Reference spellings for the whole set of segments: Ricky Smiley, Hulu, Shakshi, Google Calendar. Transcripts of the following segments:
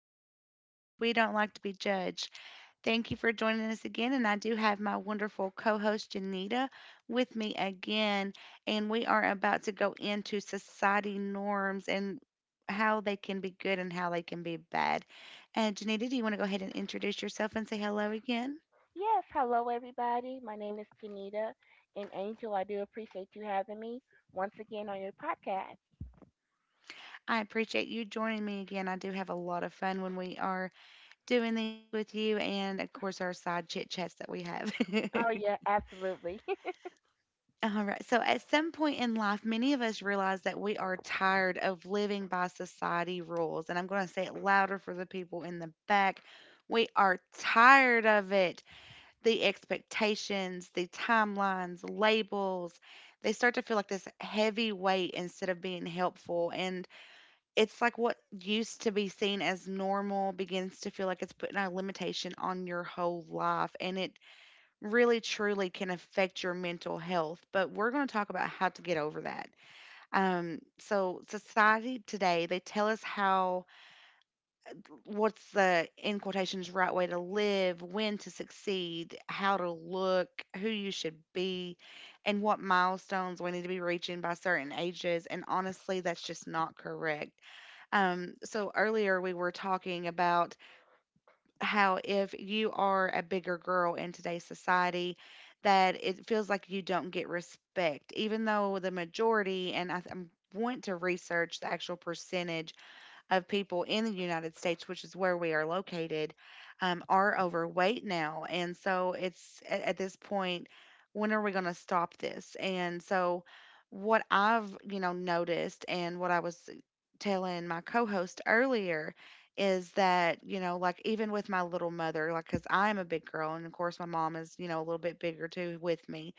don't do names because we don't like to be judged. Thank you for joining us again. And I do have my wonderful co host, Janita, with me again. And we are about to go into society norms and how they can be good and how they can be bad. And Janita, do you want to go ahead and introduce yourself and say hello again? Yes, hello everybody. My name is Tanita and Angel. I do appreciate you having me once again on your podcast. I appreciate you joining me again. I do have a lot of fun when we are doing these with you, and of course, our side chit chats that we have. Oh yeah, absolutely. All right. So at some point in life, many of us realize that we are tired of living by society rules. And I'm going to say it louder for the people in the back. We are tired of it. The expectations, the timelines, labels, they start to feel like this heavy weight instead of being helpful. And it's like what used to be seen as normal begins to feel like it's putting a limitation on your whole life. And it really truly can affect your mental health, but we're going to talk about how to get over that. So society today, they tell us how what's the, in quotations, right way to live, when to succeed, how to look, who you should be, and what milestones we need to be reaching by certain ages. And honestly, that's just not correct. So earlier we were talking about how if you are a bigger girl in today's society, that it feels like you don't get respect, even though the majority, and I want to research the actual percentage of people in the United States, which is where we are located, are overweight now. And so it's at this point, when are we going to stop this? And so what I've, noticed and what I was telling my co-host earlier is that, you know, like even with my little mother, like cuz I'm a big girl, and of course my mom is, you know, a little bit bigger too with me.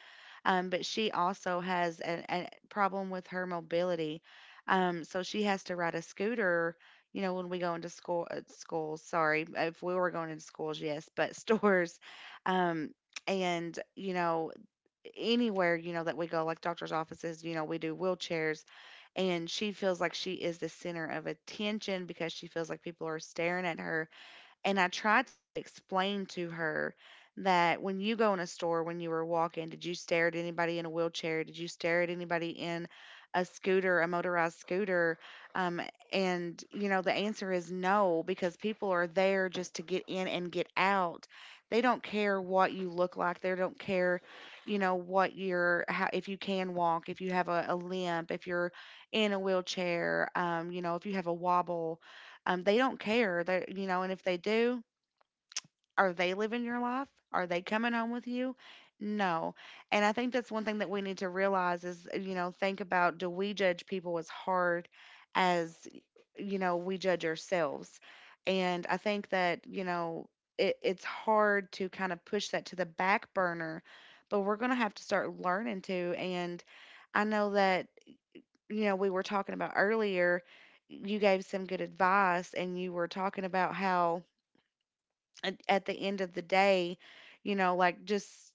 But she also has a problem with her mobility. So she has to ride a scooter, you know, when we go into school, at schools, sorry, if we were going into schools, yes, but stores, um, and you know, anywhere, you know, that we go, like doctor's offices, you know, we do wheelchairs. And she feels like she is the center of attention because she feels like people are staring at her. And I tried to explain to her that when you go in a store, when you were walking, did you stare at anybody in a wheelchair? Did you stare at anybody in a scooter, a motorized scooter? Um, and, you know, the answer is no, because people are there just to get in and get out. They don't care what you look like. They don't care, if you can walk, if you have a limp, if you're in a wheelchair, you know, if you have a wobble, they don't care. They, you know, and if they do, are they living your life? Are they coming home with you? No. And I think that's one thing that we need to realize is, you know, think about, do we judge people as hard as, you know, we judge ourselves? And I think that, you know, it's hard to kind of push that to the back burner, but we're going to have to start learning to. And I know that, you know, we were talking about earlier, you gave some good advice, and you were talking about how at the end of the day, you know, like just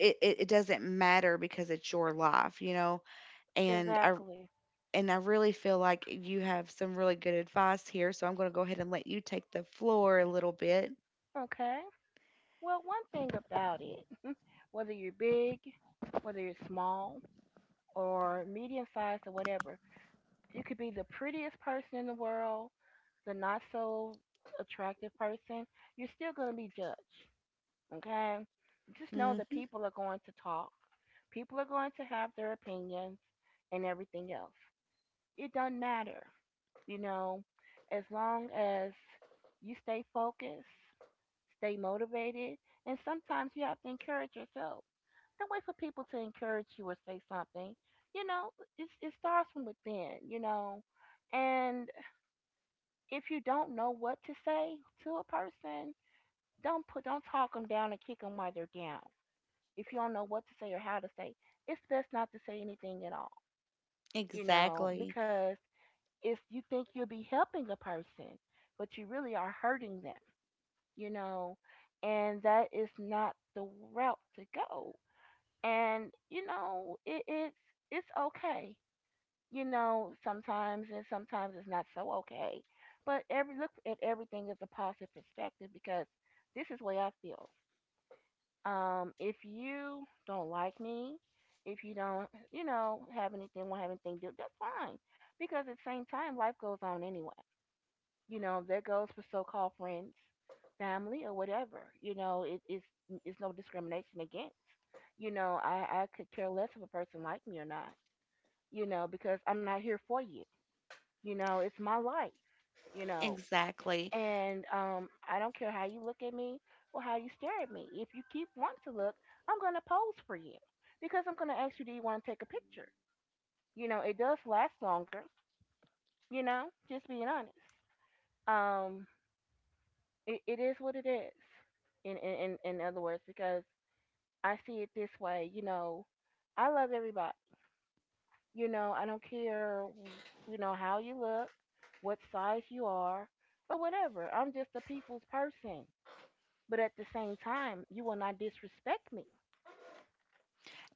it doesn't matter because it's your life, you know. And I Exactly. and I really feel like you have some really good advice here, so I'm going to go ahead and let you take the floor a little bit. Okay. Well, one thing about it, whether you're big, whether you're small or medium sized or whatever, you could be the prettiest person in the world, the not so attractive person, you're still going to be judged. Okay? Just know that Hmm. people are going to talk. People are going to have their opinions and everything else. It doesn't matter, you know, as long as you stay focused, stay motivated, and sometimes you have to encourage yourself. Don't wait for people to encourage you or say something. You know, it starts from within, you know. And if you don't know what to say to a person, don't talk them down and kick them while they're down. If you don't know what to say or how to say, it's best not to say anything at all you know, Exactly. because it's you think you'll be helping a person, but you really are hurting them, you know, and that is not the route to go. And you know, it's okay, you know, sometimes and sometimes it's not so okay. But every look at everything is a positive perspective because this is the way I feel. If you don't like me, if you don't, you know, have anything, won't have anything to do, that's fine. Because at the same time, life goes on anyway. You know, that goes for so-called friends, family, or whatever. You know, it's no discrimination against. You know, I could care less if a person like me or not. You know, because I'm not here for you. You know, it's my life. You know, Exactly. and I don't care how you look at me or how you stare at me. If you keep wanting to look, I'm going to pose for you because I'm going to ask you, do you want to take a picture? You know, it does last longer, you know, just being honest. Um, it is what it is, in other words, because I see it this way, you know, I love everybody. You know, I don't care, you know, how you look, what size you are, or whatever. I'm just a people's person. But at the same time, you will not disrespect me.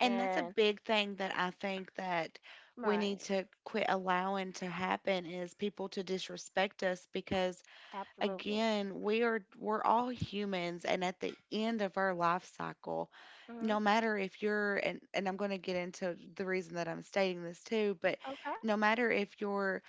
And that's a And big thing that I think that we right, need to quit allowing to happen, is people to disrespect us, because absolutely. again, we're all humans. And at the end of our life cycle, Hmm. no matter if you're, and I'm going to get into the reason that I'm stating this too, but Okay. no matter if you're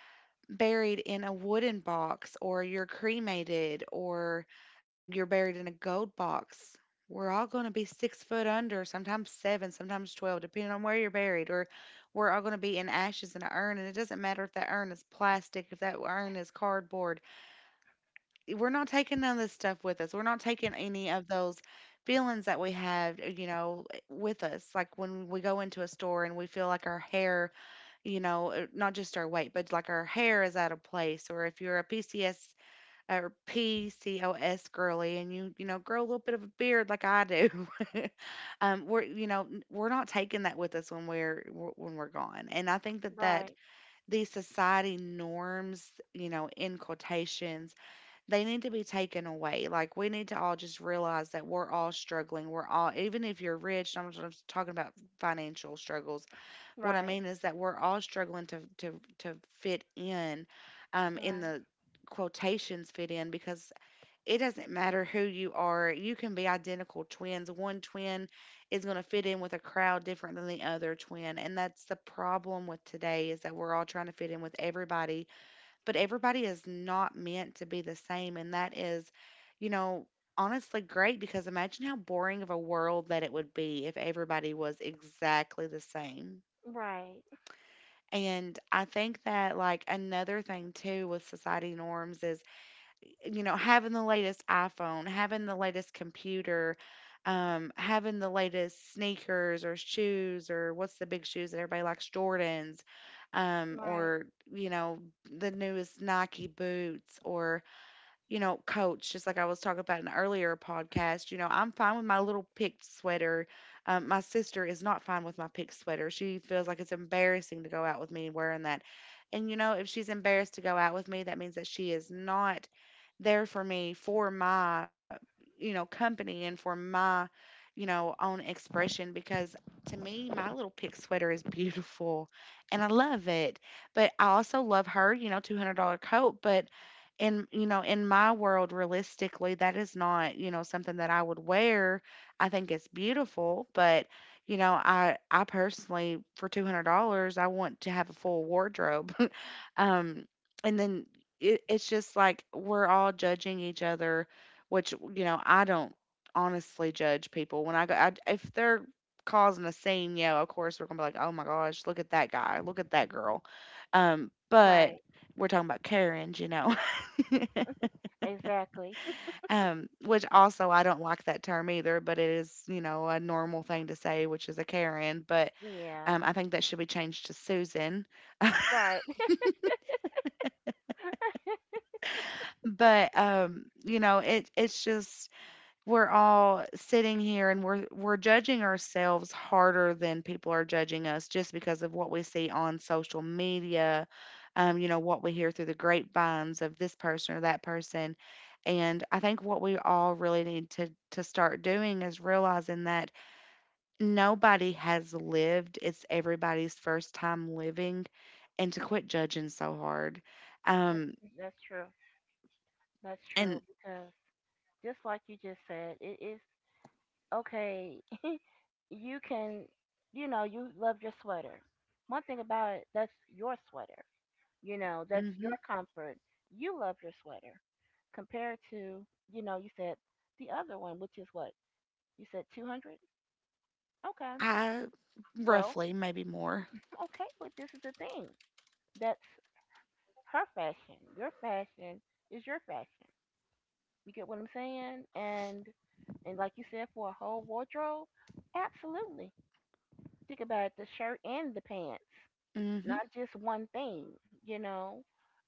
buried in a wooden box, or you're cremated, or and you're buried in a gold box, we're all going to be 6 foot under, sometimes seven, sometimes 12, depending on where you're buried. Or we're all going to be in ashes in an urn, and it doesn't matter if that urn is plastic, if that urn is cardboard. We're not taking none of this stuff with us. We're not taking any of those feelings that we have, you know, with us, like when we go into a store and we feel like our hair, you know, not just our weight, but like our hair is out of place. Or if you're a PCS or PCOS girly and you know, grow a little bit of a beard like I do, we're, we're not taking that with us when when we're gone. And I think that that Right. these society norms, you know, in quotations, they need to be taken away. Like we need to all just realize that we're all struggling. We're all, even if you're rich, I'm just talking about financial struggles, what I Right. mean is that we're all struggling to fit in Right. the quotations fit in, because it doesn't matter who you are. You can be identical twins. One twin is going to fit in with a crowd different than the other twin. And that's the problem with today, is that we're all trying to fit in with everybody, but everybody is not meant to be the same. And that is, you know, honestly, great, because imagine how boring of a world that it would be if everybody was exactly the same. Right. And I think that, like, another thing too with society norms is, you know, having the latest iPhone, having the latest computer, having the latest sneakers or shoes, or what's the big shoes that everybody likes? Jordans, Right. or, you know, the newest Nike boots, or, you know, Coach, just like I was talking about in the earlier podcast. You know, I'm fine with my little picked sweater. My sister is not fine with my picked sweater. She feels like it's embarrassing to go out with me wearing that. And, you know, if she's embarrassed to go out with me, that means that she is not there for me for my, you know, company, and for my, you know, own expression, because to me, my little pink sweater is beautiful, and I love it. But I also love her, you know, $200 coat. But in, you know, in my world, realistically, that is not, you know, something that I would wear. I think it's beautiful, but, you know, I personally, for $200, I want to have a full wardrobe. Um, and then it's just like we're all judging each other, which, you know, I don't honestly judge people. When I go, if they're causing a scene, yeah, of course we're going to be like, oh my gosh, look at that guy, look at that girl. But Right. we're talking about Karens, you know. Exactly. Which also I don't like that term either, but it is, you know, a normal thing to say, which is a Karen. But Yeah. I think that should be changed to Susan. Right. But you know, it it's just we're all sitting here and we're judging ourselves harder than people are judging us, just because of what we see on social media, you know, what we hear through the grapevines of this person or that person. And I think what we all really need to start doing is realizing that nobody has lived, it's everybody's first time living, and to quit judging so hard. That's Um that's true. That's true and because just like you just said, it is okay you can, you know, you love your sweater. One thing about it, that's your sweater. You know, that's your Mhm. comfort. You love your sweater compared to, you know, you said the other one, which is what? You said 200? Okay. I Well, roughly, maybe more. okay, but this is the thing. That's her fashion. Your fashion is your fashion. You get what I'm saying? And like you said, for a whole wardrobe, absolutely. Think about it, the shirt and the pants. Mhm. Not just one thing, you know.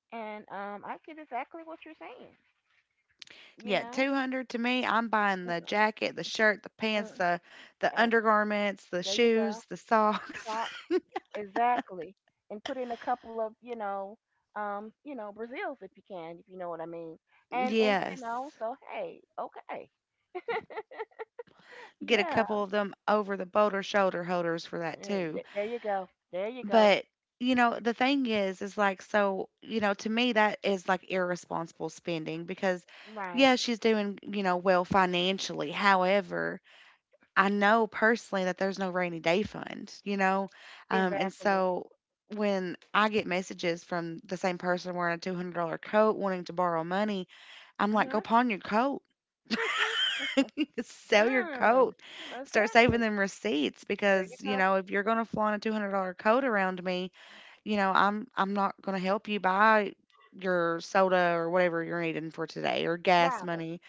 And I get exactly what you're saying, you Yeah, know. 200 to me, I'm buying the jacket, the shirt, the pants, Mm-mm. The Uh, undergarments, the there you go. shoes, the socks. Socks, exactly. And put in a couple of, you know, Brazils if you can, if you know what I mean. And you know, Yes. so hey, okay, Get a yeah. couple of them over the boulder shoulder holders for that And too. There you go. There you go. But, you know, the thing is like, so, you know, to me that is like irresponsible spending, because Right. yeah, she's doing, you know, well financially. However, I know personally that there's no rainy day fund, you know? And Exactly. so when I get messages from the same person wearing a $200 coat wanting to borrow money, I'm like, go Mhm. pawn your coat. Sell your Mm. coat. Start saving Exactly. them receipts There you because, go. If you're going to flaunt a $200 coat around me, I'm not going to help you buy your soda or whatever you're needing for today or gas Right. money.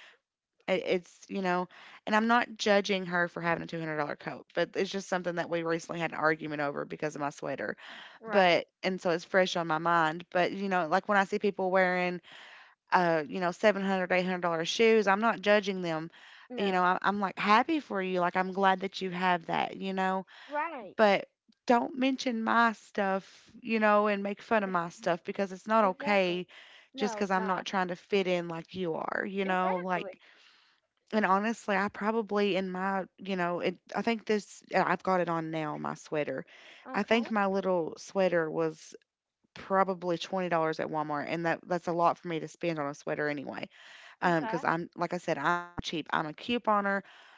It it's, you know And I'm not judging her for having a $200 coat, but it's just something that we recently had an argument over because of my sweater. Right. But and so it's fresh on my mind, but, like when I see people wearing, 700 $800 shoes, I'm not judging them. No. I'm like happy for you. Like, I'm glad that you have that, Right. but don't mention my stuff, and make fun of my stuff because it's not Exactly. okay just No, because it's I'm not. not trying to fit in like you are, like. Exactly. And honestly, I probably in my, it, I think this, yeah, I've got it on now, my sweater. I Okay. think my little sweater was probably $20 at Walmart, and that's a lot for me to spend on a sweater anyway. Because Okay. I'm, like I said, I'm cheap. I'm a couponer.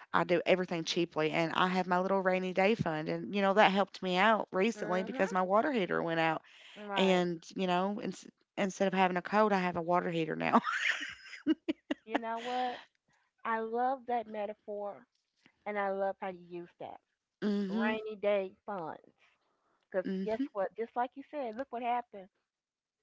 I do everything cheaply, and I have my little rainy day fund, and that helped me out recently Mhm. because my water heater went out, Right. and instead of having a coat, I have a water heater now. You know what? I love that metaphor, and I love how you use that Mhm. rainy day funds. Cause guess Mhm. what? Just like you said, look what happened.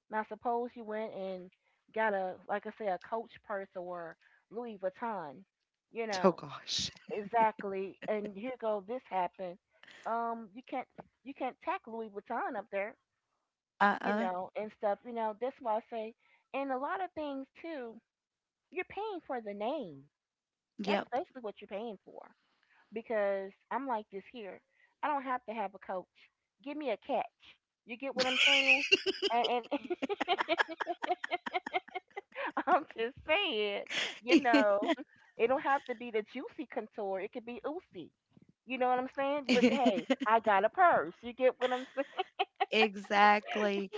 Now suppose you went and got a, like I say, a Coach purse or Louis Vuitton. You Oh know gosh. exactly. And here go this happened. Um, you can't you can't tack Louis Vuitton up there. Uh You uh. know, and stuff. You know, that's why I say, and a lot of things too, you're paying for the name. That's Yep. basically what you're paying for. Because I'm like this here. I don't have to have a coach. Give me a catch. You get what I'm saying? And I'm just saying, you know, it don't have to be the juicy contour. It could be oozy. You know what I'm saying? But hey, I got a purse. You get what I'm saying? Exactly.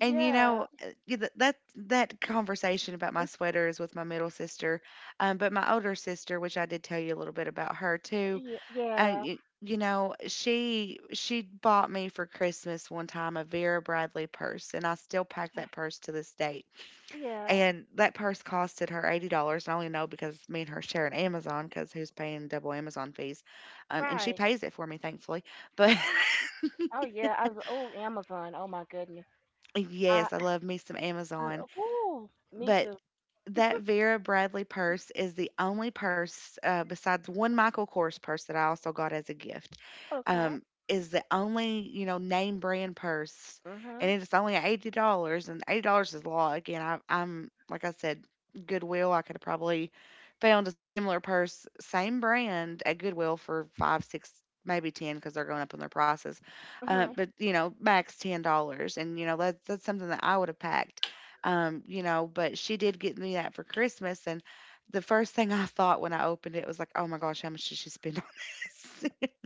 And you know, uh, y- th- that that conversation about my sweater is with my middle sister, but my older sister, which I did tell you a little bit about her too, Yeah. and she bought me for Christmas one time a Vera Bradley purse, and I still pack that purse to this day. Yeah. And that purse costed her $80. I only know because me and her share an Amazon, because who's paying double Amazon fees? And she Right. pays it for me, thankfully. But. Oh yeah, oh Amazon. Oh my goodness. I, Yes, I love me some I Amazon. ooh, me But too. that Vera Bradley purse is the only purse, besides one Michael Kors purse that I also got as a gift, Okay. Is the only, name brand purse, and Mhm. it's only $80, and $80 is a lot. Again, like I said, Goodwill, I could have probably found a similar purse, same brand at Goodwill for five, six, maybe 10 because they're going up on their prices. Mhm. But, max $10. And, that's something that I would have packed, but she did get me that for Christmas. And the first thing I thought when I opened it was like, oh my gosh, how much did she spend on this?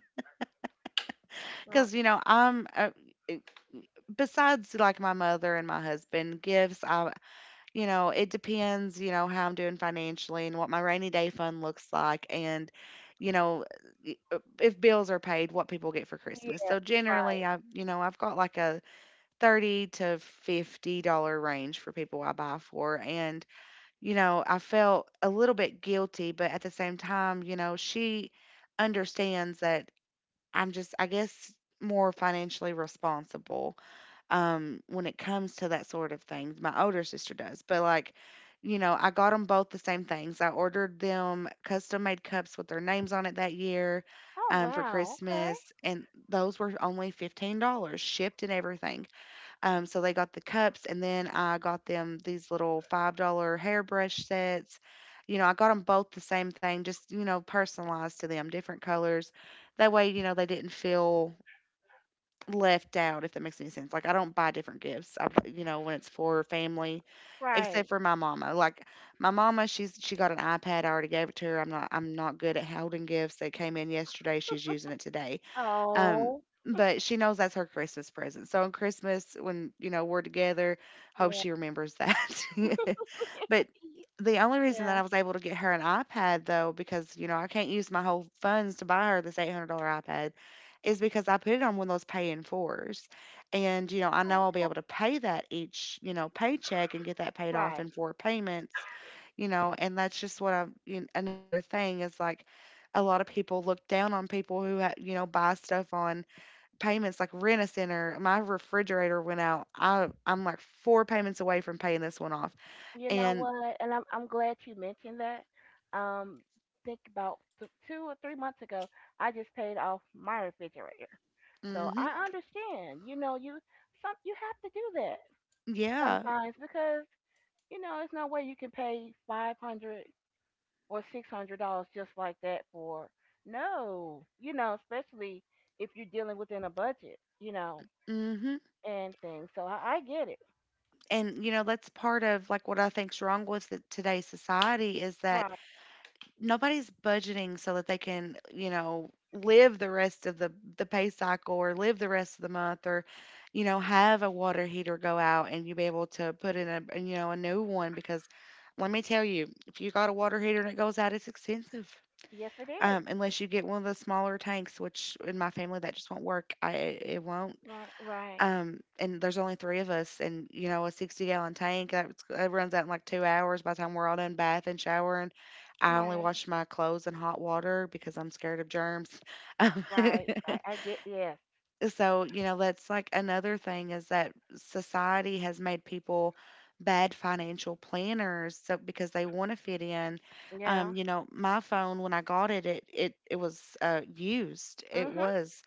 Right. Because, it- besides like my mother and my husband, gifts, it depends, how I'm doing financially and what my rainy day fund looks like. And, you know, if bills are paid, what people get for Christmas. Yeah. So generally, Right. I've got like a 30 to $50 range for people I buy for. And, I felt a little bit guilty, but at the same time, she understands that I'm just, I guess, more financially responsible, when it comes to that sort of thing. My older sister does, but like, I got them both the same things. I ordered them custom made cups with their names on it that year, Oh for wow. Okay. Christmas, and those were only $15 shipped and everything. So they got the cups, and then I got them these little $5 hairbrush sets. I got them both the same thing, just, personalized to them, different colors. That way, they didn't feel left out, if that makes any sense. Like, I don't buy different gifts, I, bu- you know, when it's for family, except Right. for my mama. Like, my mama, she got an iPad. I already gave it to her. I'm not good at holding gifts. They came in yesterday. She's using it today. Um, Oh but she knows that's her Christmas present. So on Christmas, when we're together, hope yeah. she remembers that. But y- the only reason that Yeah. I was able to get her an iPad, though, because I can't use my whole funds to buy her this $800 iPad, is because I put it on one of those pay in fours, and I know I'll be Okay. able to pay that each, paycheck and get that paid off Right. in four payments, and that's just what I'm. You Another thing is like a lot of people look down on people who buy stuff on payments like rent a center. My refrigerator went out. I'm like four payments away from paying this one off. You know And. what? And I'm glad you mentioned that. Um, think about 2 or 3 months ago, I just paid off my refrigerator, so Mhm. I understand. You know, you some you have to do that Yeah. sometimes because you know, it's no way you can pay $500 or $600 just like that for no. You know, especially if you're dealing within a budget. You know, Mhm. and things. So I get it. And that's part of like what I think's wrong with today's society is that Right. nobody's budgeting so that they can, live the rest of the pay cycle or live the rest of the month or have a water heater go out and you be able to put in a, you know a new one. Because let me tell you, if you got a water heater and it goes out, it's expensive. Yes, it is. Unless you get one of the smaller tanks, which in my family that just won't work. I it it won't. Right. Right. And there's only three of us, and a 60-gallon tank that runs out in like 2 hours by the time we're all done bathing, showering. I only Right. wash my clothes in hot water because I'm scared of germs. Um, Right. I get. Yes. so that's like another thing, is that society has made people bad financial planners, so because they want to fit in. Yeah. My phone, when I got it, it was used. It Mhm. was.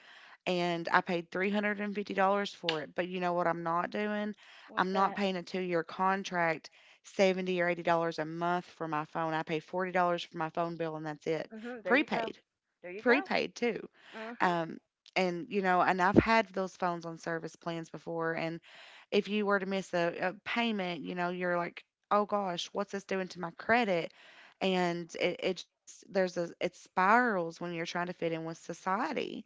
And I paid $350 for it. But you know what I'm not doing. What's I'm not that? paying a 2-year contract, 70 or $80 a month for my phone. I pay $40 for my phone bill, and that's it. Mhm. There you go. Prepaid. There you go. Prepaid too. Mhm. um, and and I've had those phones on service plans before, and if you were to miss a payment, you're like, oh gosh, what's this doing to my credit? And it just, it spirals when you're trying to fit in with society.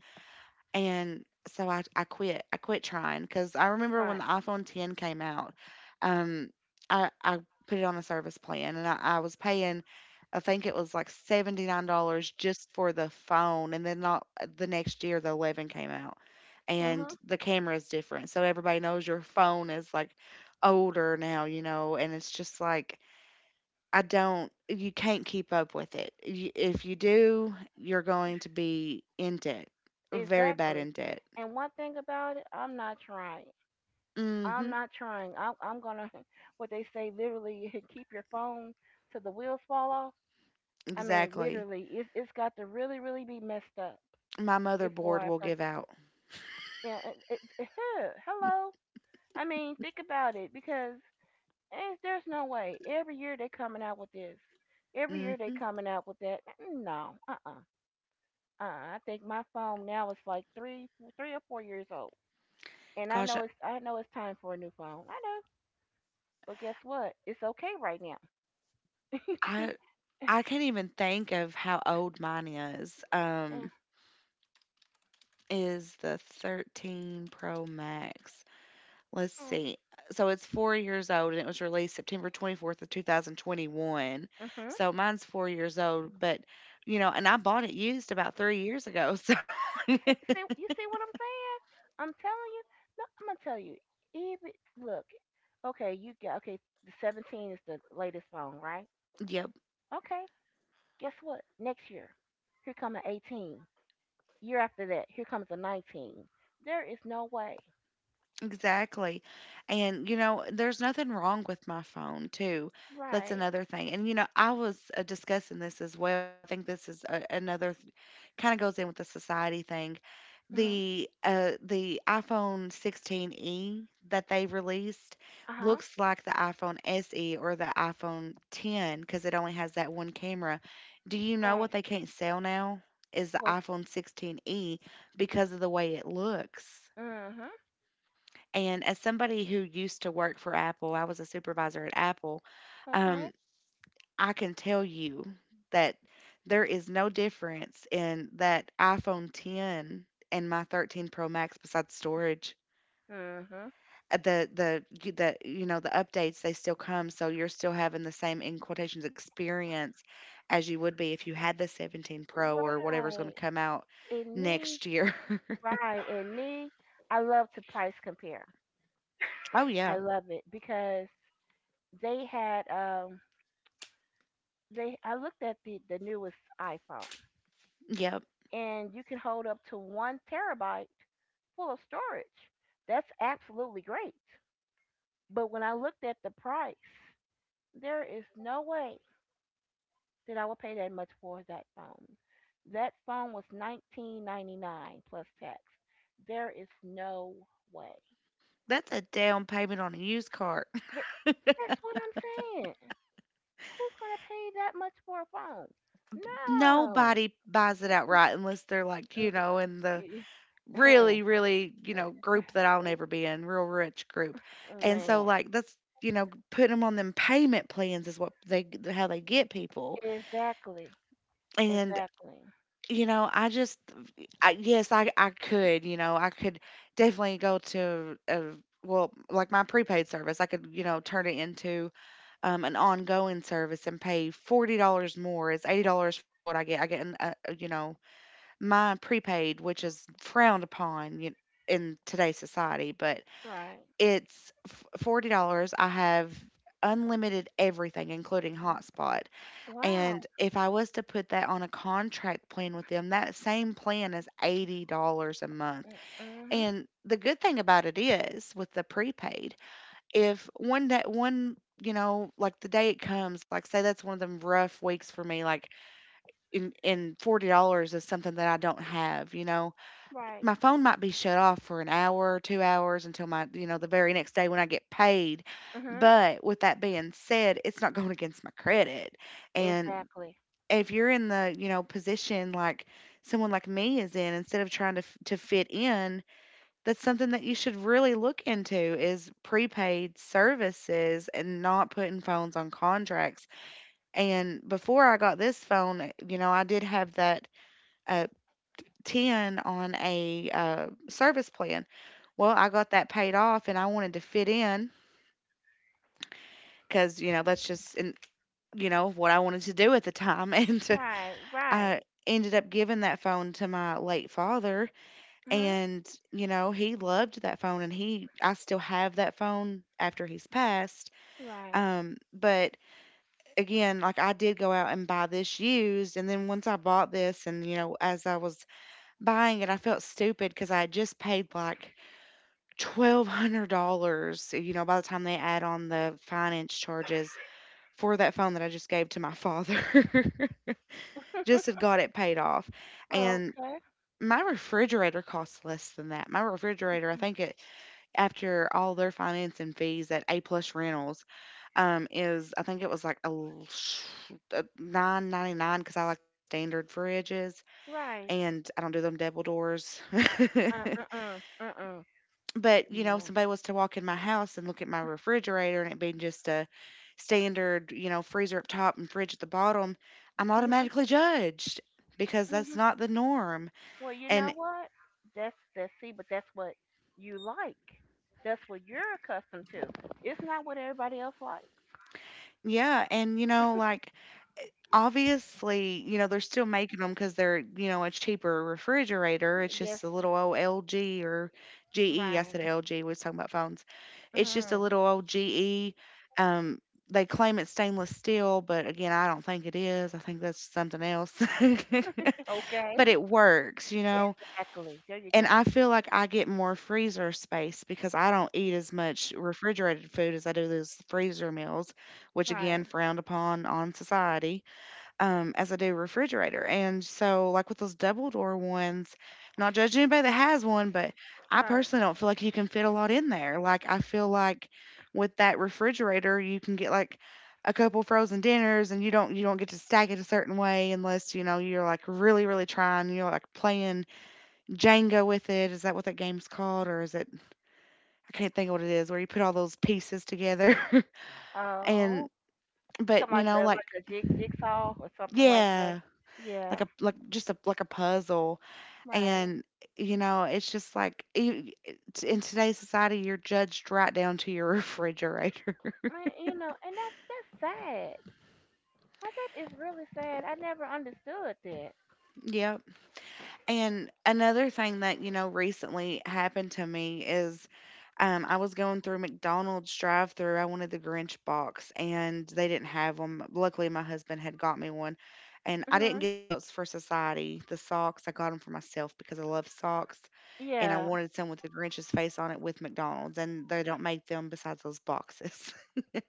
And so I quit. I quit trying because I remember when Right. the iPhone 10 came out. um, I put it on a service plan, and I was paying, I think it was like $79 just for the phone. And then not, the next year the 11 came out, and Mhm. the camera is different. So everybody knows your phone is like older now, and it's just like I don't. You can't keep up with it. If you do, you're going to be in debt, very bad Exactly. in debt. And one thing about it, I'm not trying. Mm-hmm. I'm gonna, what they say, literally keep your phone till the wheels fall off. I mean, Exactly. literally, it's got to really, really be messed up My before motherboard I will purchase. give out. Yeah, huh, hello. I mean, think about it because there's no way. Every year they coming out with this. Every year they Mm-hmm. coming out with that. No, uh-uh. I think my phone now is like 3 or 4 years old, and Gosh, I know it's time for a new phone. I know, but guess what? It's okay right now. I I can't even think of how old mine is. Eh, Is the 13 Pro Max. Let's Mm, see. So it's 4 years old, and it was released September 24th of 2021. Mhm. So mine's 4 years old, but, and I bought it used about 3 years ago. So See, see, you see what I'm saying? I'm telling you. No, I'm gonna tell you. Even look, okay, you got okay. The 17 is the latest phone, right? yep. Okay. Guess what? Next year, here come an 18. Year after that, here comes a 19. There is no way. Exactly. And, there's nothing wrong with my phone, too. That's Right. another thing. And, I was, discussing this as well. I think this is another, kind of goes in with the society thing. Mhm. The iPhone 16e that they released Uh huh. looks like the iPhone SE or the iPhone 10 because it only has that one camera. Do you know Right. what they can't sell now is the Was. iPhone 16e because of the way it looks. Mhm. And as somebody who used to work for Apple, I was a supervisor at Apple, um, Okay. I can tell you that there is no difference in that iPhone 10 and my 13 Pro Max besides storage. Mhm. The you know the updates they still come, so you're still having the same in quotations experience as you would be if you had the 17 Pro or whatever's going to Right. come out And me. next year. Right. And me. I love to price compare. Oh I yeah, love it because they had they I looked at the newest iPhone yeah. and you can hold up to 1 terabyte full of storage. That's absolutely great. But when I looked at the price, there is no way that I would pay that much for that phone. That phone was 19.99 plus tax. There is no way. That's a down payment on a used car. That's what I'm saying. Who's going to pay that much for a phone? No. Nobody buys it outright unless they're like, Mm-mm. in the really, really, group that I'll never be in, real rich group. And so, Man, like, that's, putting them on them payment plans is what, how they get people. exactly, And, exactly, you know, I just, I, yes, I could, I could definitely go to a, well, like my prepaid service, I could, turn it into an ongoing service and pay $40 more. It's $80 for what I get. I get, my prepaid, which is frowned upon you in today's society, but right. $40. I have unlimited everything, including hotspot. And Wow. if I was to put that on a contract plan with them, that same plan is $80 a month. Mm-hmm. And the good thing about it is with the prepaid, if one, like the day it comes, like say that's one of them rough weeks for me, like in $40 is something that I don't have, Right. my phone might be shut off for an hour or 2 hours until my, the very next day when I get paid. Mm-hmm. But with that being said, it's not going against my credit. And Exactly. if you're in the, position like someone like me is in, instead of trying to fit in, that's something that you should really look into is prepaid services and not putting phones on contracts. And before I got this phone, I did have that uh, 10 on a service plan. Well, I got that paid off and I wanted to fit in because, that's just, in, what I wanted to do at the time. And Right. I Right. ended up giving that phone to my late father. Mm-hmm. And, he loved that phone and I still have that phone after he's passed. Right. But again, like I did go out and buy this used. And then once I bought this and, as I was buying it, I felt stupid because I had just paid like $1,200, by the time they add on the finance charges for that phone that I just gave to my father. Just had got it paid off. And Okay. my refrigerator costs less than that. My refrigerator, I think it after all their finance and fees at A Plus Rentals, is I think it was like a 9.99 because I like the standard fridges Right. and I don't do them devil doors. Uh. Uh. Uh. Uh. uh. But, if No. somebody was to walk in my house and look at my refrigerator and it being just a standard, freezer up top and fridge at the bottom, I'm Mhm. automatically judged because that's Mhm. not the norm. Well, you know And what? That's see, but that's what you like. That's what you're accustomed to. It's not what everybody else likes. yeah, and obviously, they're still making them because 'cause they're, a cheaper refrigerator. It's Yes. just a little old LG or GE. I Right. said LG, we was talking about phones. It's just a Mm-hmm. little old GE. Um, they claim it's stainless steel, but again, I don't think it is. I think that's something else. Okay. But it works, you know? Exactly. There you And go. I feel like I get more freezer space because I don't eat as much refrigerated food as I do those freezer meals, which Right, again, frowned upon on society as I do refrigerator. And so, like with those double door ones, not judging anybody that has one, but I right. personally don't feel like you can fit a lot in there. Like, I feel like with that refrigerator, you can get like a couple frozen dinners and you don't get to stack it a certain way unless you know you're like really really trying you're like playing Jenga with it, is that what that game's called? Or is it, I can't think of what it is where you put all those pieces together. and Oh, but something you know like like a jigsaw or something like that. Yeah, like Yeah, a like just a like a puzzle. right. And, it's just like in today's society, you're judged right down to your refrigerator. I, you know, and that's sad. Now, that is really sad. I never understood that. Yep. And another thing that, recently happened to me is I was going through McDonald's drive through. I wanted the Grinch box and they didn't have them. Luckily, my husband had got me one. And I didn't Mhm. get those for society. The socks, I got them for myself because I love socks. And I Yeah. wanted some with the Grinch's face on it with McDonald's. And they don't make them besides those boxes.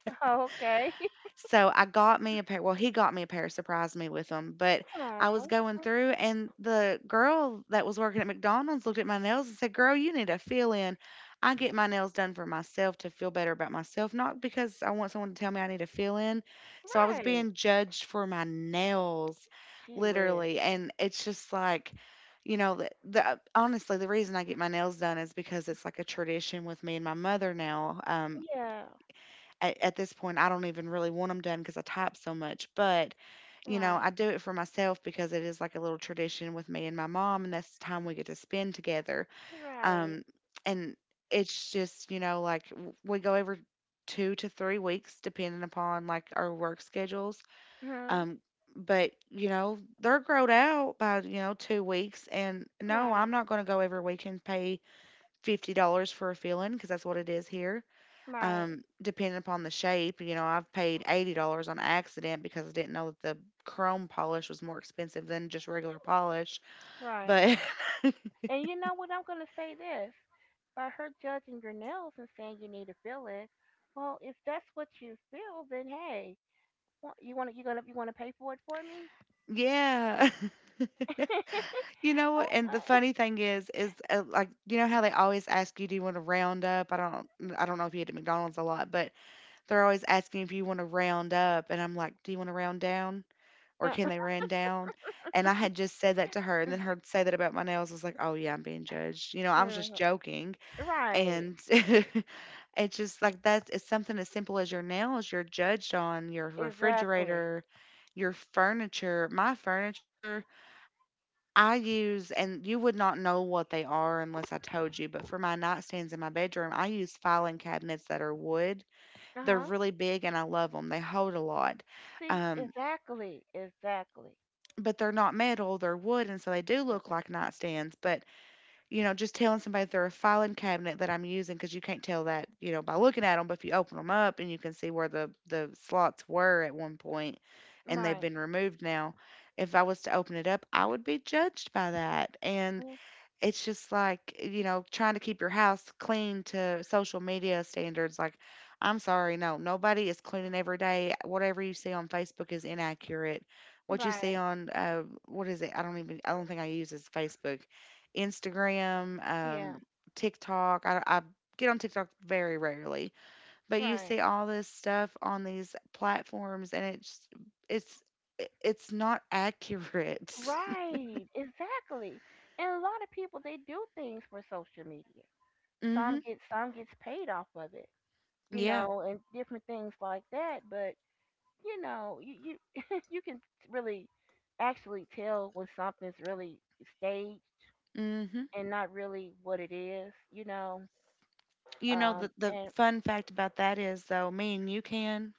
Okay. So I got me a pair. Well, he got me a pair, surprised me with them. But I was Oh. going through, and the girl that was working at McDonald's looked at my nails and said, "Girl, you need a fill in." I get my nails done for myself to feel better about myself, not because I want someone to tell me I need a fill in. So I was Right. being judged for my nails, She whiz. literally. And it's just like, you know, the honestly, the reason I get my nails done is because it's like a tradition with me and my mother now. Yeah. At this point, I don't even really want them done because I type so much. But, Right. I do it for myself because it is like a little tradition with me and my mom, and that's the time we get to spend together. Right. Um, and it's just, we go every 2 to 3 weeks, depending upon like our work schedules. Mhm. Um, but you know they're growed out by you know 2 weeks and no, Right. I'm not going to go every week and pay $50 for a filling because that's what it is here, Right. Depending upon the shape. You know, I've paid $80 on accident because I didn't know that the chrome polish was more expensive than just regular polish. Right. But And you know what? I'm going to say this. By her judging your nails and saying you need to fill it, well, if that's what you feel, then hey, you want to pay for it for me? yeah. You know what? And the funny thing is like you know how they always ask you, do you want to round up? I don't know if you eat at McDonald's a lot, but they're always asking if you want to round up, and I'm like, do you want to round down, or Oh, can they round down? And I had just said that to her, and then her say that about my nails, I was like, oh yeah, I'm being judged. You know, uh, I was just uh, joking, right, and it's just like that, it's something as simple as your nails, you're judged on your exactly. refrigerator, your furniture. My furniture I use, and you would not know what they are unless I told you, but for my nightstands in my bedroom I use filing cabinets that are wood. Uh They're huh. really big and I love them, they hold a lot. See, um, exactly, exactly. but they're not metal, they're wood, and so they do Uh, look like nightstands but, just telling somebody they're a filing cabinet that I'm using because you can't tell that, by looking at them. But if you open them up and you can see where the slots were at one point, and they've right, been removed now, if I was to open it up, I would be judged by that. And yeah, it's just like, trying to keep your house clean to social media standards. Like, I'm sorry, no, nobody is cleaning every day. Whatever you see on Facebook is inaccurate. What you see right, on, what is it? I don't even, I don't think I use is Facebook, Instagram, yeah, TikTok. I get on TikTok very rarely, but you right, see all this stuff on these platforms, and it's it's not accurate. right, exactly. And a lot of people they do things for social media. Some Mhm. get some gets paid off of it. You Yeah. know, and different things like that. But you know, you you can really actually tell when something's really staged Mhm. and not really what it is, you know. You know, the And fun fact about that is, though, me and you can,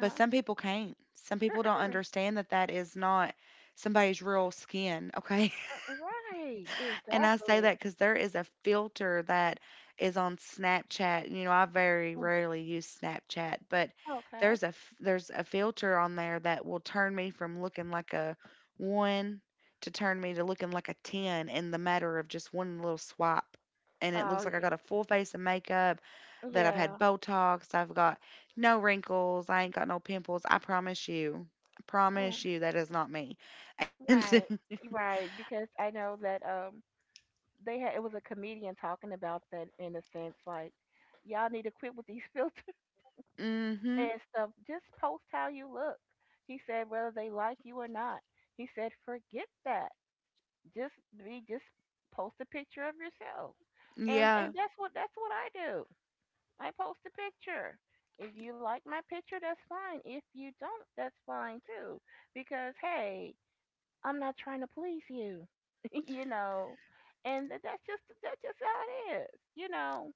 but some people can't. Some people don't mm-mm, understand that that is not somebody's real skin, okay? mm, right, And I say exactly. that because there is a filter that is on Snapchat, I very Mm, rarely use Snapchat, but okay. There's a filter on there that will turn me from looking like a 1 to turn me to looking like a 10 in the matter of just one little swipe. And it Oh looks like I y- got a full face of makeup, that I've had yeah, Botox, I've got no wrinkles, I ain't got no pimples. I promise you. I mm, promise you that is not me. And right, right. Because I know that they had it was a comedian talking about that in a sense, like y'all need to quit with these filters mhm. and stuff. Just post how you look. He said whether they like you or not. He said forget that. Just be just post a picture of yourself. And Yeah. That's what I do. I post a picture. If you like my picture, that's fine. If you don't, that's fine too. Because hey, I'm not trying to please you. You know. And that's just how it is, you know.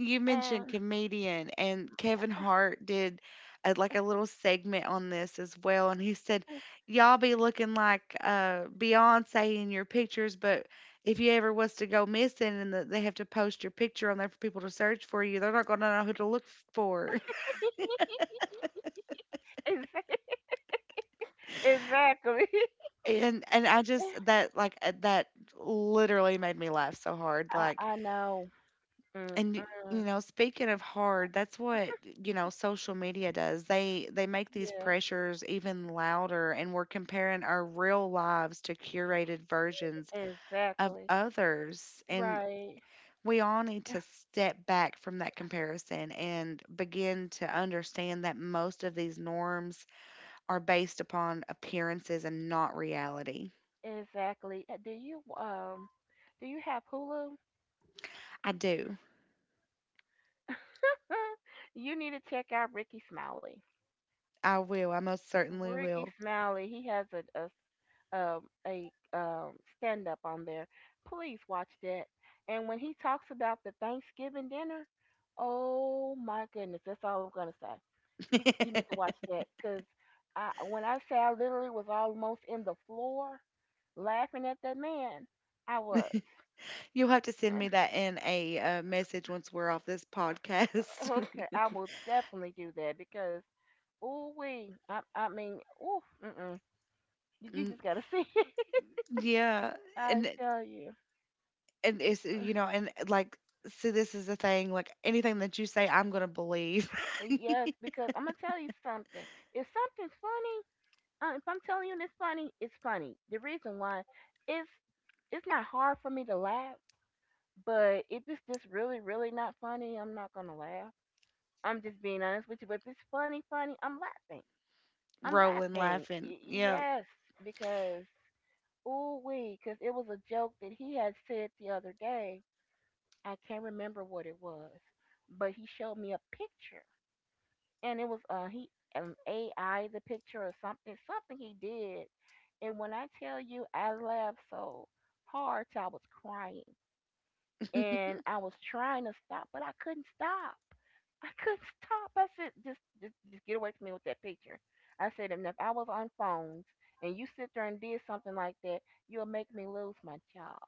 You mentioned And comedian and Kevin Hart did a, like a little segment on this as well, and he said y'all be looking like Beyonce in your pictures, but if you ever was to go missing and they have to post your picture on there for people to search for you, they're not going to know who to look for. Exa- exactly. And I just that like that literally made me laugh so hard. Like, I know. and y- you Mm-mm. know, speaking of hard, that's what, you know, social media does. They make these Yeah. pressures even louder, and we're comparing our real lives to curated versions of Exactly. others, and Right. we all need to step back from that comparison and begin to understand that most of these norms are based upon appearances and not reality. Exactly. Do you have Hulu? I do. You need to check out Ricky Smiley. I will, I most certainly Ricky will. Smiley, he has um, a stand up on there. Please watch that. And when he talks about the Thanksgiving dinner, oh my goodness, that's all I'm gonna say. You need to watch that because I, when I say, I literally was almost in the floor laughing at that man, I was. You'll have to send me that in a message once we're off this podcast. Okay, I will definitely do that because ooh wee, I mean ooh, mm-mm. You Mm, just gotta see it. yeah, I and tell you. and it's you know, and like, see, this is the thing. Like, anything that you say, I'm gonna believe. Well, yes, because I'm gonna tell you something. If something's funny, if I'm telling you it's funny, it's funny. The reason why, it's it's not hard for me to laugh. But if it's just really, really not funny, I'm not gonna laugh. I'm just being honest with you. But if it's funny, funny, I'm laughing. I'm Rolling, laughing. laughing. Yeah. Yes, because ooh wee, because it was a joke that he had said the other day. I can't remember what it was, but he showed me a picture and it was he AI the picture or something he did, and when I tell you I laughed so hard till I was crying, and and I was trying to stop but I couldn't stop. I couldn't stop. I said just get away from me with that picture. I said, and if I was on phones and you sit there and did something like that, you'll make me lose my job.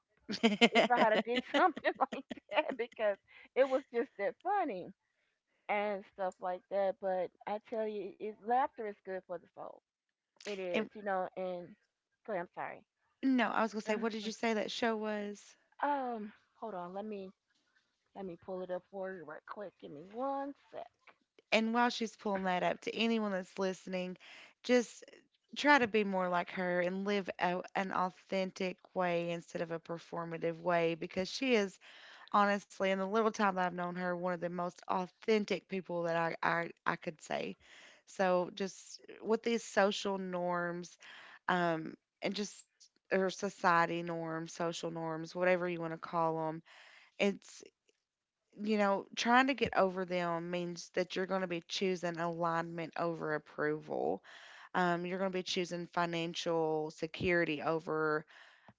If I had a did something like that, because it was just that funny and stuff like that. But I tell you, it, laughter is good for the soul. It is, you know. And go ahead, I'm sorry. No, I was gonna say, what did you Ugh. say that show was? Um, Hold on. Let me pull it up for you right quick. Give me one sec. And while she's pulling that up, to anyone that's listening, just try to be more like her and live a, an authentic way instead of a performative way, because she is, honestly, in the little time that I've known her, one of the most authentic people that I could say. So just, with these social norms, um, and just, or society norms, social norms, whatever you want to call them, it's, you know, trying to get over them means that you're going to be choosing alignment over approval. You're going to be choosing financial security over,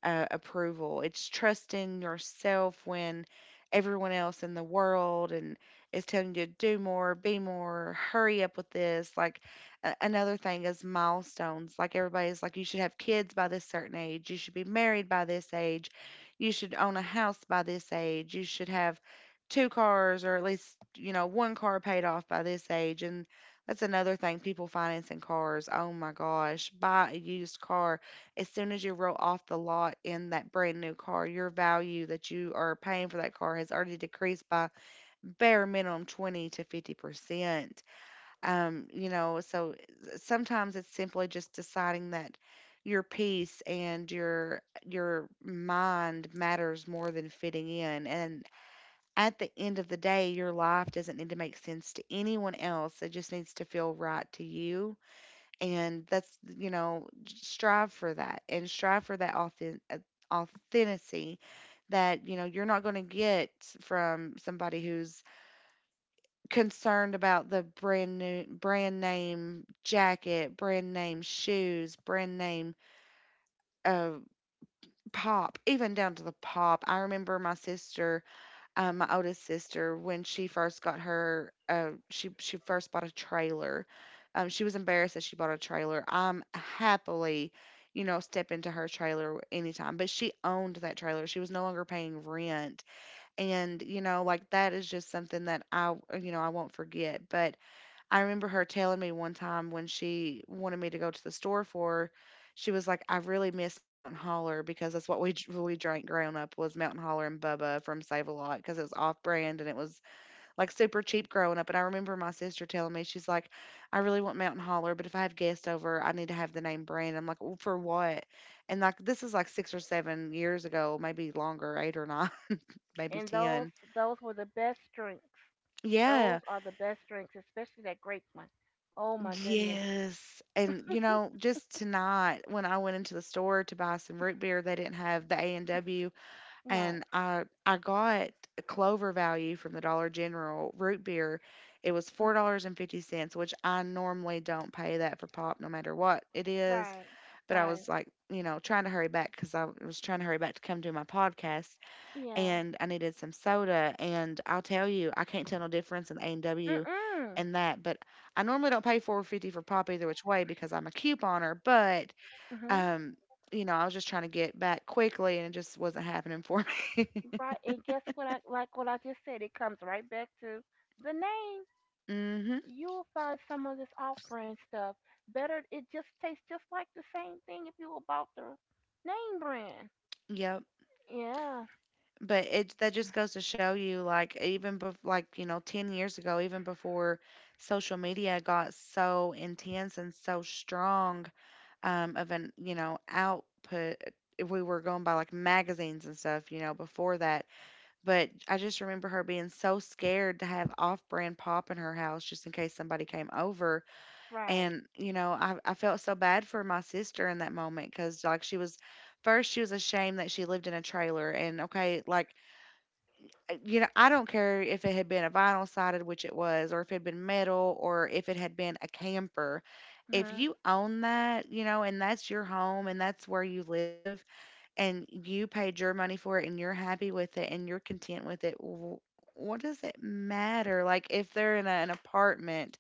approval. It's trusting yourself when everyone else in the world and is telling you to do more, be more, hurry up with this. Like, another thing is milestones. Like, everybody's like, you should have kids by this certain age. You should be married by this age. You should own a house by this age. You should have two cars, or at least, you know, one car paid off by this age. And that's another thing, people financing cars. Oh my gosh, buy a used car. As soon as you roll off the lot in that brand new car, your value that you are paying for that car has already decreased by, bare minimum, 20 to 50%. You know, so, sometimes it's simply just deciding that your peace and your mind matters more than fitting in, and at the end of the day your life doesn't need to make sense to anyone else, it just needs to feel right to you. And that's, you know, strive for that, and strive for that authenticity that, you know, you're not going to get from somebody who's concerned about the brand new, brand name jacket, brand name shoes, brand name, uh, pop. Even down to the pop. I remember my sister, my oldest sister, when she first got her, she first bought a trailer. Um, she was embarrassed that she bought a trailer. I'm happily, you know, step into her trailer anytime, but she owned that trailer, she was no longer paying rent. And you know, like, that is just something that I you know I won't forget. But I remember her telling me one time when she wanted me to go to the store for her, she was like, "I really miss Mountain Holler, because that's what we we drank growing up, was Mountain Holler and Bubba from Save a Lot, because it was off brand and it was like super cheap growing up." And I remember my sister telling me, she's like, "I really want Mountain Holler, but if I have guests over, I need to have the name brand." I'm like, well, "For what?" And like, this is like 6 or 7 years ago, maybe longer, eight or nine, maybe And ten. those were the best drinks. Those Yeah. are the best drinks, especially that grape one. Oh my goodness. Yes. And, you know, just to not, when I went into the store to buy some root beer, they didn't have the A&W, Right, and W, and I got a Clover Value from the Dollar General root beer. It was $4.50, which I normally don't pay that for pop no matter what it is, right, but I right. was like, you know, trying to hurry back, because I was trying to hurry back to come do my podcast, Yeah. and I needed some soda. And I'll tell you, I can't tell no difference in A and Mm W mm. and that. But I normally don't pay 4.50 for pop either which way, because I'm a couponer. But Mhm. um, you know, I was just trying to get back quickly, and it just wasn't happening for Right. And guess what? I like what I just said. It comes right back to the name. me. Hmm. You'll find some of this off-brand stuff better. It just tastes just like the same thing if you bought the name brand. Yep. Yeah, But it, that just goes to show you, like, even like, you know, 10 years ago, even before social media got so intense and so strong, of an, you know, output. If we were going by like magazines and stuff, you know, before that. But I just remember her being so scared to have off-brand pop in her house just in case somebody came over. right. And you know, I felt so bad for my sister in that moment, because like, she was, first she was ashamed that she lived in a trailer. And okay, like, you know, I don't care if it had been a vinyl sided, which it was, or if it had been metal, or if it had been a camper. If Hmm. you own that, you know, and that's your home and that's where you live, and you paid your money for it and you're happy with it and you're content with it, what does it matter? Like, if they're in a, an apartment,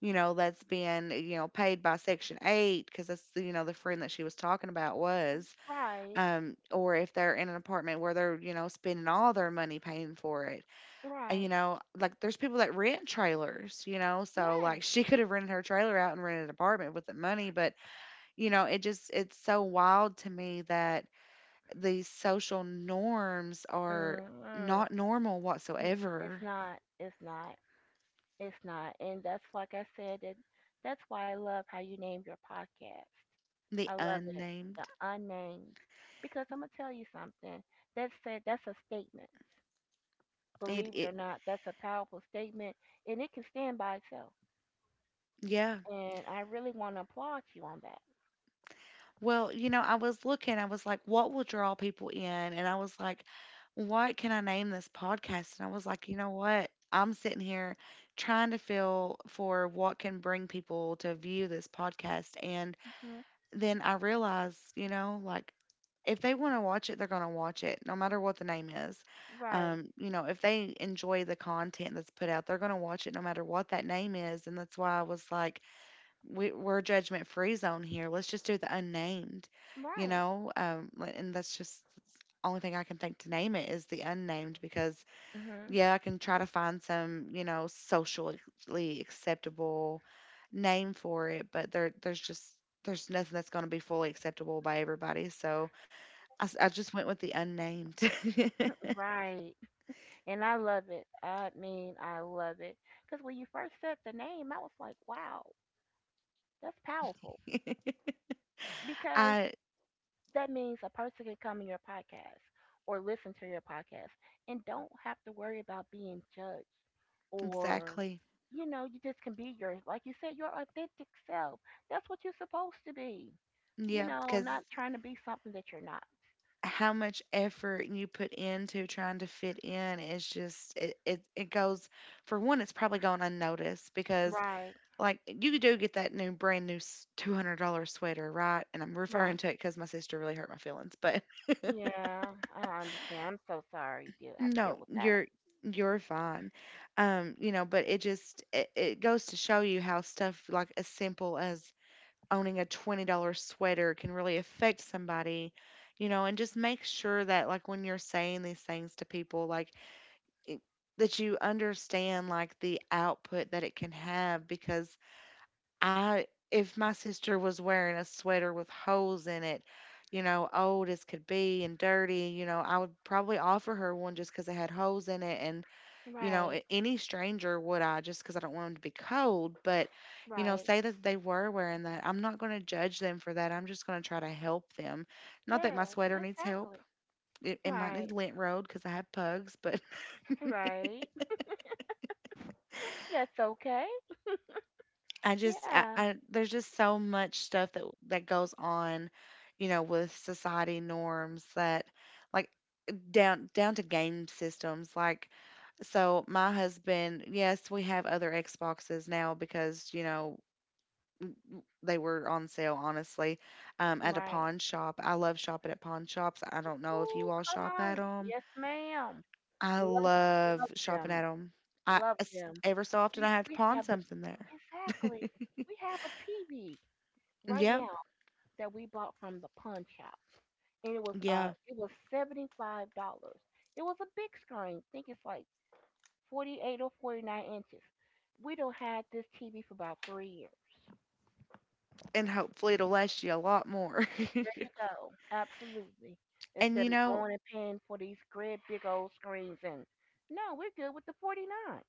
you know, that's being, eh, you know, paid by Section 8, because that's, you know, the friend that she was talking about was, Right, or if they're in an apartment where they're, you know, spending all their money paying for it, and, right. you know, like, there's people that rent trailers, you know, so Yes. like she could have rented her trailer out and rented an apartment with the money, but you know, it just, it's so wild to me that these social norms are Mm-hmm. not normal It's whatsoever. not. It's not. It's not. And that's like I said. That's why I love how you named your podcast. The I love it. The unnamed. unnamed, because I'm gonna tell you something. That said, that's a statement. It Believe it or it not, that's a powerful statement and it can stand by itself. Yeah. And I really want to applaud you on that. Well, you know, I was looking, I was like, what will draw people in? And I was like, what can I name this podcast? And I was like, you know what? I'm sitting here trying to feel for what can bring people to view this podcast. And Hmm. then I realized, you know, like, if they want to watch it, they're going to watch it, no matter what the name is. Right. You know, if they enjoy the content that's put out, they're going to watch it no matter what that name is. And that's why I was like, we're a judgment free zone here. Let's just do the unnamed, you Right. know? And that's just only thing I can think to name it is the unnamed, because, Hmm. yeah, I can try to find some, you know, socially acceptable name for it, but there's just, there's nothing that's going to be fully acceptable by everybody. So I just went with the unnamed. Right. And I love it. I mean, I love it. Because when you first said the name, I was like, wow, that's powerful. Because I, that means a person can come in your podcast or listen to your podcast and don't have to worry about being judged or, exactly. you know, you just can be your, like you said, your authentic self. That's what you're supposed to be. You Yeah, know, because not trying to be something that you're not. how much effort you put into trying to fit in is just it goes, for one, it's probably going unnoticed, because Right, like, you do get that new brand new $200 sweater, right? And I'm referring right. to it because my sister really hurt my feelings, but Yeah, I understand. I'm so sorry you do have to deal no, with that. You're fine. You know, but it just, it goes to show you how stuff like, as simple as owning a $20 sweater can really affect somebody, you know. And just make sure that, like, when you're saying these things to people, like, it, that you understand, like, the output that it can have. Because if my sister was wearing a sweater with holes in it, you know, old as could be and dirty, you know, I would probably offer her one just because it had holes in it. And you know, Right, any stranger would, I just because I don't want them to be cold. But, you know, right. say that they were wearing that. I'm not going to judge them for that. I'm just going to try to help them. Not that Yeah, my sweater needs help. exactly. It might Right, need lint road because I have pugs, but right. That's okay. I just, Yeah, I, there's just so much stuff that goes on, you know, with society norms that, like, down to game systems. Like, so my husband, yes, we have other Xboxes now, because you know, they were on sale honestly, at a right. pawn shop. I love shopping at pawn shops. I don't know if you Oh, all come shop at on. them. Yes, ma'am. I Love, love love shopping at them. them. I Love It's, them. ever so often I have to We pawn have a something there. exactly. We have a TV right Yep. now that we bought from the pawn shop, and Yeah, it was $75. It was a big screen. I think it's like 48 or 49 inches. We don't had this TV for about 3 years. and hopefully it'll last you a lot more. There you go. Absolutely. And Instead you of know, going and paying for these great big old screens, and no, we're good with the 49.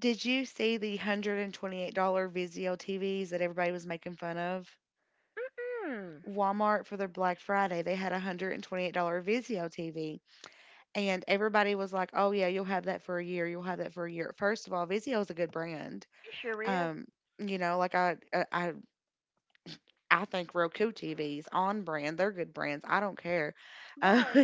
did you see the $128 Vizio TVs that everybody was making fun of Hmm. Walmart for? Their Black Friday, they had a $128 Vizio TV. And everybody was like, "Oh yeah, you'll have that for a year. You'll have that for a year." First of all, Vizio is a good brand. It sure is. Um, you know, like, I think Roku TVs on brand. They're good brands. I don't care. Uh, Right,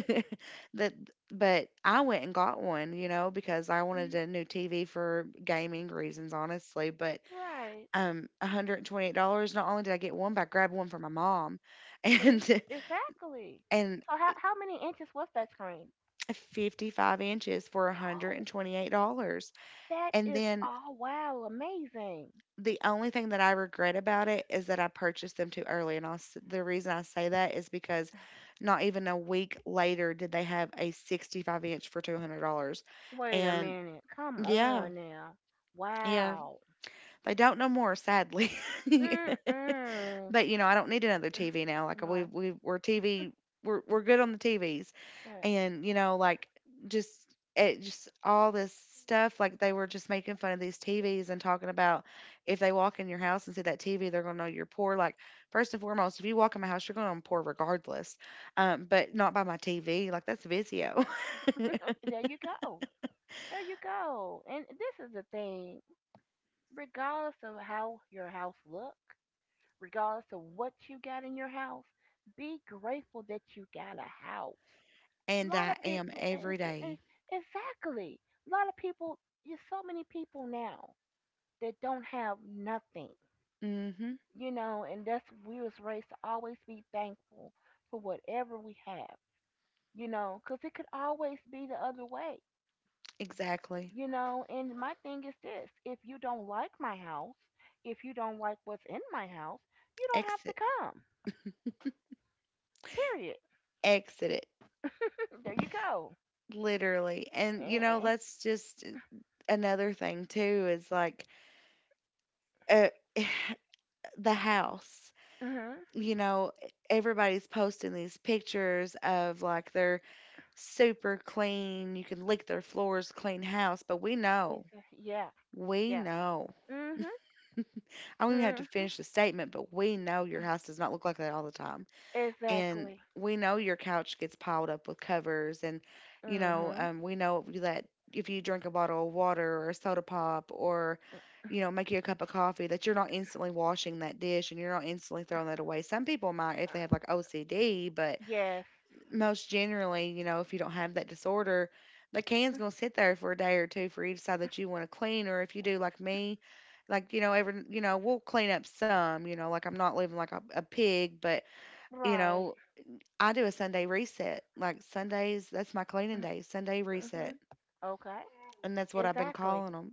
that, but I went and got one, you know, because I wanted Mhm, a new TV for gaming reasons, honestly. But right. um, $128. Not only did I get one, but I grabbed one for my mom, See, and exactly. and So how many inches was that screen? 55 inches for one hundred Oh, and twenty-eight dollars. that And is, then oh wow, amazing. The only thing that I regret about it is that I purchased them too early, and the reason I say that is because not even a week later did they have a 65 inch for $200. Wait a And minute. Come yeah, on now. yeah, Wow. they don't know more, sadly. Mm mm. But, you know, I don't need another TV now. Like we Right. we we're TV we're good on the TVs. Yeah. And, you know, like just all this stuff, like they were just making fun of these TVs and talking about if they walk in your house and see that TV, they're going to know you're poor. Like first and foremost, if you walk in my house, you're going to know I'm poor regardless. But not by my TV. Like that's Vizio. There you go. There you go. And this is the thing. Regardless of how your house look, regardless of what you got in your house, be grateful that you got a house. A And I lot of am people, every day. exactly, a lot of people, there's so many people now that don't have nothing, Mm-hmm. you know. And that's, we was raised to always be thankful for whatever we have, you know, because it could always be the other way. Exactly. You know, and my thing is this, if you don't like my house, if you don't like what's in my house, you don't have to Exit. come. Period. Exit it. There you go. Literally. And Eh, you know, eh, eh. let's just Another thing too is like uh, the house. Mm-hmm. You know, everybody's posting these pictures of like their super clean, you can lick their floors, clean house, but we know. Yeah. We Yeah. know. Mm-hmm. I don't even have to Mm-hmm. finish the statement, but we know your house does not look like that all the time. And Exactly. we know your couch gets piled up with covers, and Mhm. We know that if you drink a bottle of water or a soda pop, or you know, make you a cup of coffee, that you're not instantly washing that dish and you're not instantly throwing that away. Some people might if Uh, they have like OCD, but yes. most generally, you know, if you don't have that disorder, the can's going to sit there for a day or two for each side that you want to clean. Or if you do like me, like, you know, every, you know, we'll clean up some, you know, like I'm not living like a pig, but you Right. know, I do a Sunday reset. Like Sundays, that's my cleaning day, Sunday reset. Mhm. Okay. And that's what I've been Exactly. calling them.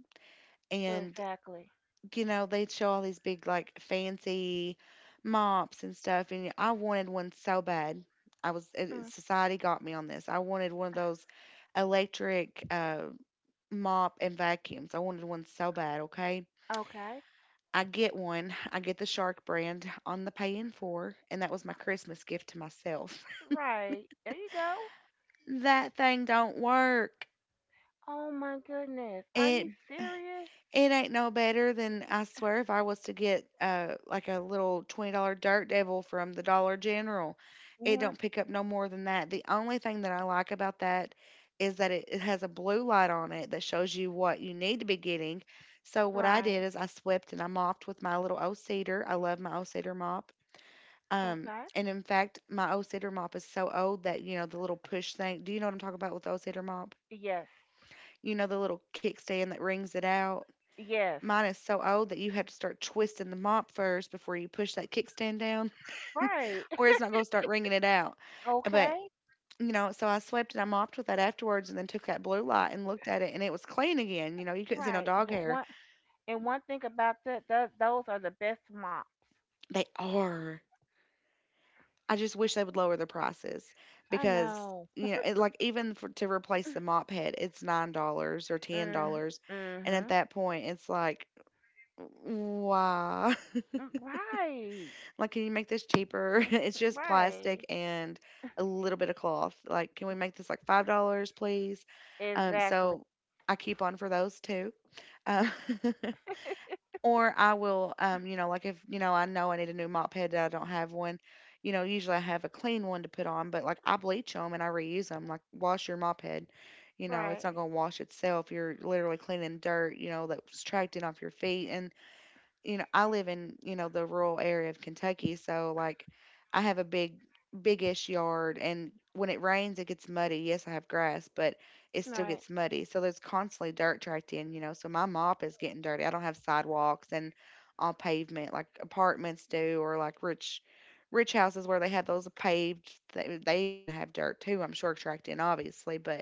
And, Exactly. you know, they'd show all these big, like, fancy mops and stuff. And I wanted one so bad. I was, it- Mm. Society got me on this. I wanted one of those electric mop and vacuums. I wanted one so bad, okay? Okay. I get one. I get the Shark brand on the pay in for, and that was my Christmas gift to myself. Right. There you go. That thing don't work. Oh my goodness. Are It you serious? It ain't no better than, I swear, if I was to get like a little $20 Dirt Devil from the Dollar General. It Hmm. don't pick up no more than that. The only thing that I like about that is that it has a blue light on it that shows you what you need to be getting. So what I Right. did is I swept and I mopped with my little old cedar. I love my old cedar mop. Okay. And in fact, my old cedar mop is so old that, you know, the little push thing. Do you know what I'm talking about with the old cedar mop? Yes. You know the little kickstand that rings it out, Yes. mine is so old that you have to start twisting the mop first before you push that kickstand down, Right. or it's not going to start wringing it out. But Okay. you know, so I swept and I mopped with that afterwards, and then took that blue light and looked at it, and it was clean again. You know, you couldn't see no Right. dog But hair. one and one thing about that, those are the best mops. They are. I just wish they would lower the prices I because, know. you know, like even for, to replace the mop head, it's $9 or ten Mm. dollars, and at Mhm. that point, it's like, why? Mm, right. Like, can you make this cheaper? Mhm. It's just plastic Right. and a little bit of cloth. Like, can we make this like $5, please? Exactly. So I keep on for those too. Uh, or I will, you know, like if, you know I need a new mop head that I don't have one, you know, usually I have a clean one to put on, but like I bleach them and I reuse them. Like, wash your mop head. You know, it's Right. not going to wash itself. You're literally cleaning dirt, you know, that's tracked in off your feet. And you know, I live in, you know, the rural area of Kentucky, so like I have a big big-ish yard, and when it rains it gets muddy. Yes, I have grass, but it still Right. gets muddy. So there's constantly dirt tracked in, you know. So my mop is getting dirty. I don't have sidewalks and on pavement like apartments do, or like rich houses where they have those paved, they even have dirt too, I'm sure, tracked in obviously, but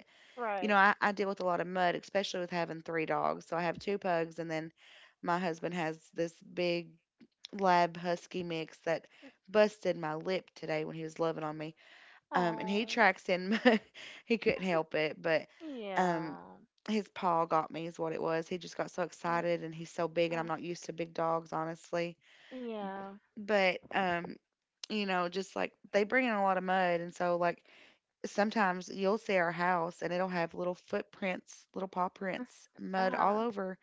you know, Right. I deal with a lot of mud, especially with having three dogs. So I have two pugs, and then my husband has this big lab husky mix that busted my lip today when he was loving on me. And he Oh, tracks in mud. He couldn't help it, but um, yeah. his paw got me, is what it was. He just got so Uh, excited, and he's so big, and I'm uh, not used to big dogs, honestly. yeah. But you know, just like they bring in a lot of mud, and so like sometimes you'll see our house and it'll have little footprints, little paw prints, Uh mud all huh. over.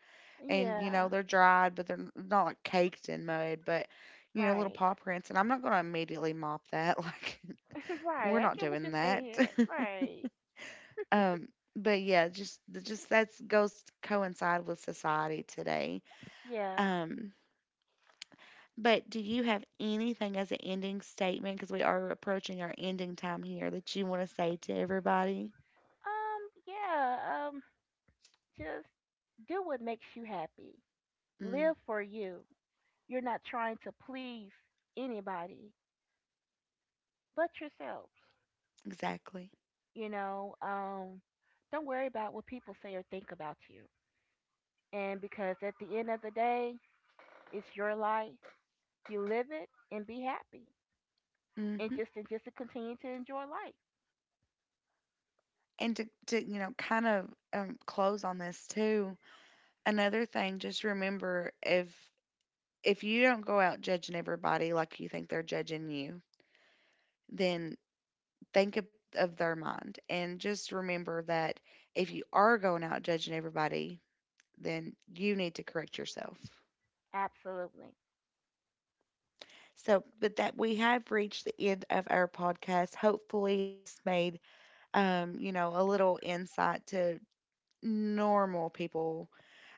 And, you know, Yeah. they're dried, but not like caked in mud, but, you know, little Right. paw prints. And I'm not going to immediately mop that. Like, we're Right. I not get what doing you're that. saying. Right. um, but yeah, just that's goes to coincide with society today. Yeah. Um, but do you have anything as an ending statement? Because we are approaching our ending time here, that you want to say to everybody? Yeah. Just do what makes you happy. Mm, Live for you. You're not trying to please anybody but yourself. exactly. You know, don't worry about what people say or think about you. And because at the end of the day, it's your life. You live it and be happy. And Hmm. just, and just to continue to enjoy life. And to you know, kind of close on this too. Another thing, just remember if you don't go out judging everybody like you think they're judging you, then think of their mind. And just remember that if you are going out judging everybody, then you need to correct yourself. Absolutely. So, but that We have reached the end of our podcast. Hopefully, this made you know, a little insight to normal people,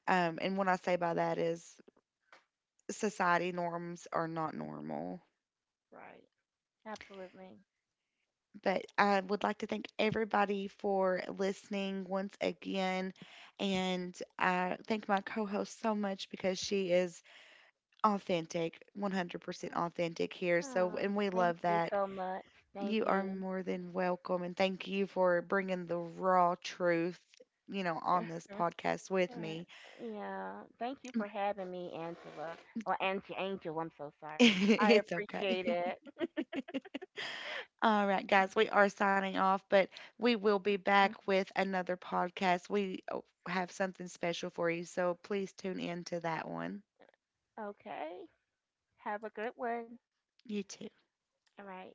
and what I say by that is society norms are not normal. Right. Absolutely. But I would like to thank everybody for listening once again. And I thank my co host so much because she is authentic, 100% authentic here. So, Oh, and we thank love you that. so much. Thank You are you. more than welcome. And thank you for bringing the raw truth, you know, on this podcast with me. Yeah. Thank you for having me, Angela. Or Angie Angel, I'm so sorry. I It's okay. appreciate it. All right, guys, we are signing off, but we will be back with another podcast. We have something special for you, so please tune in to that one. Okay. Have a good one. You too. All right.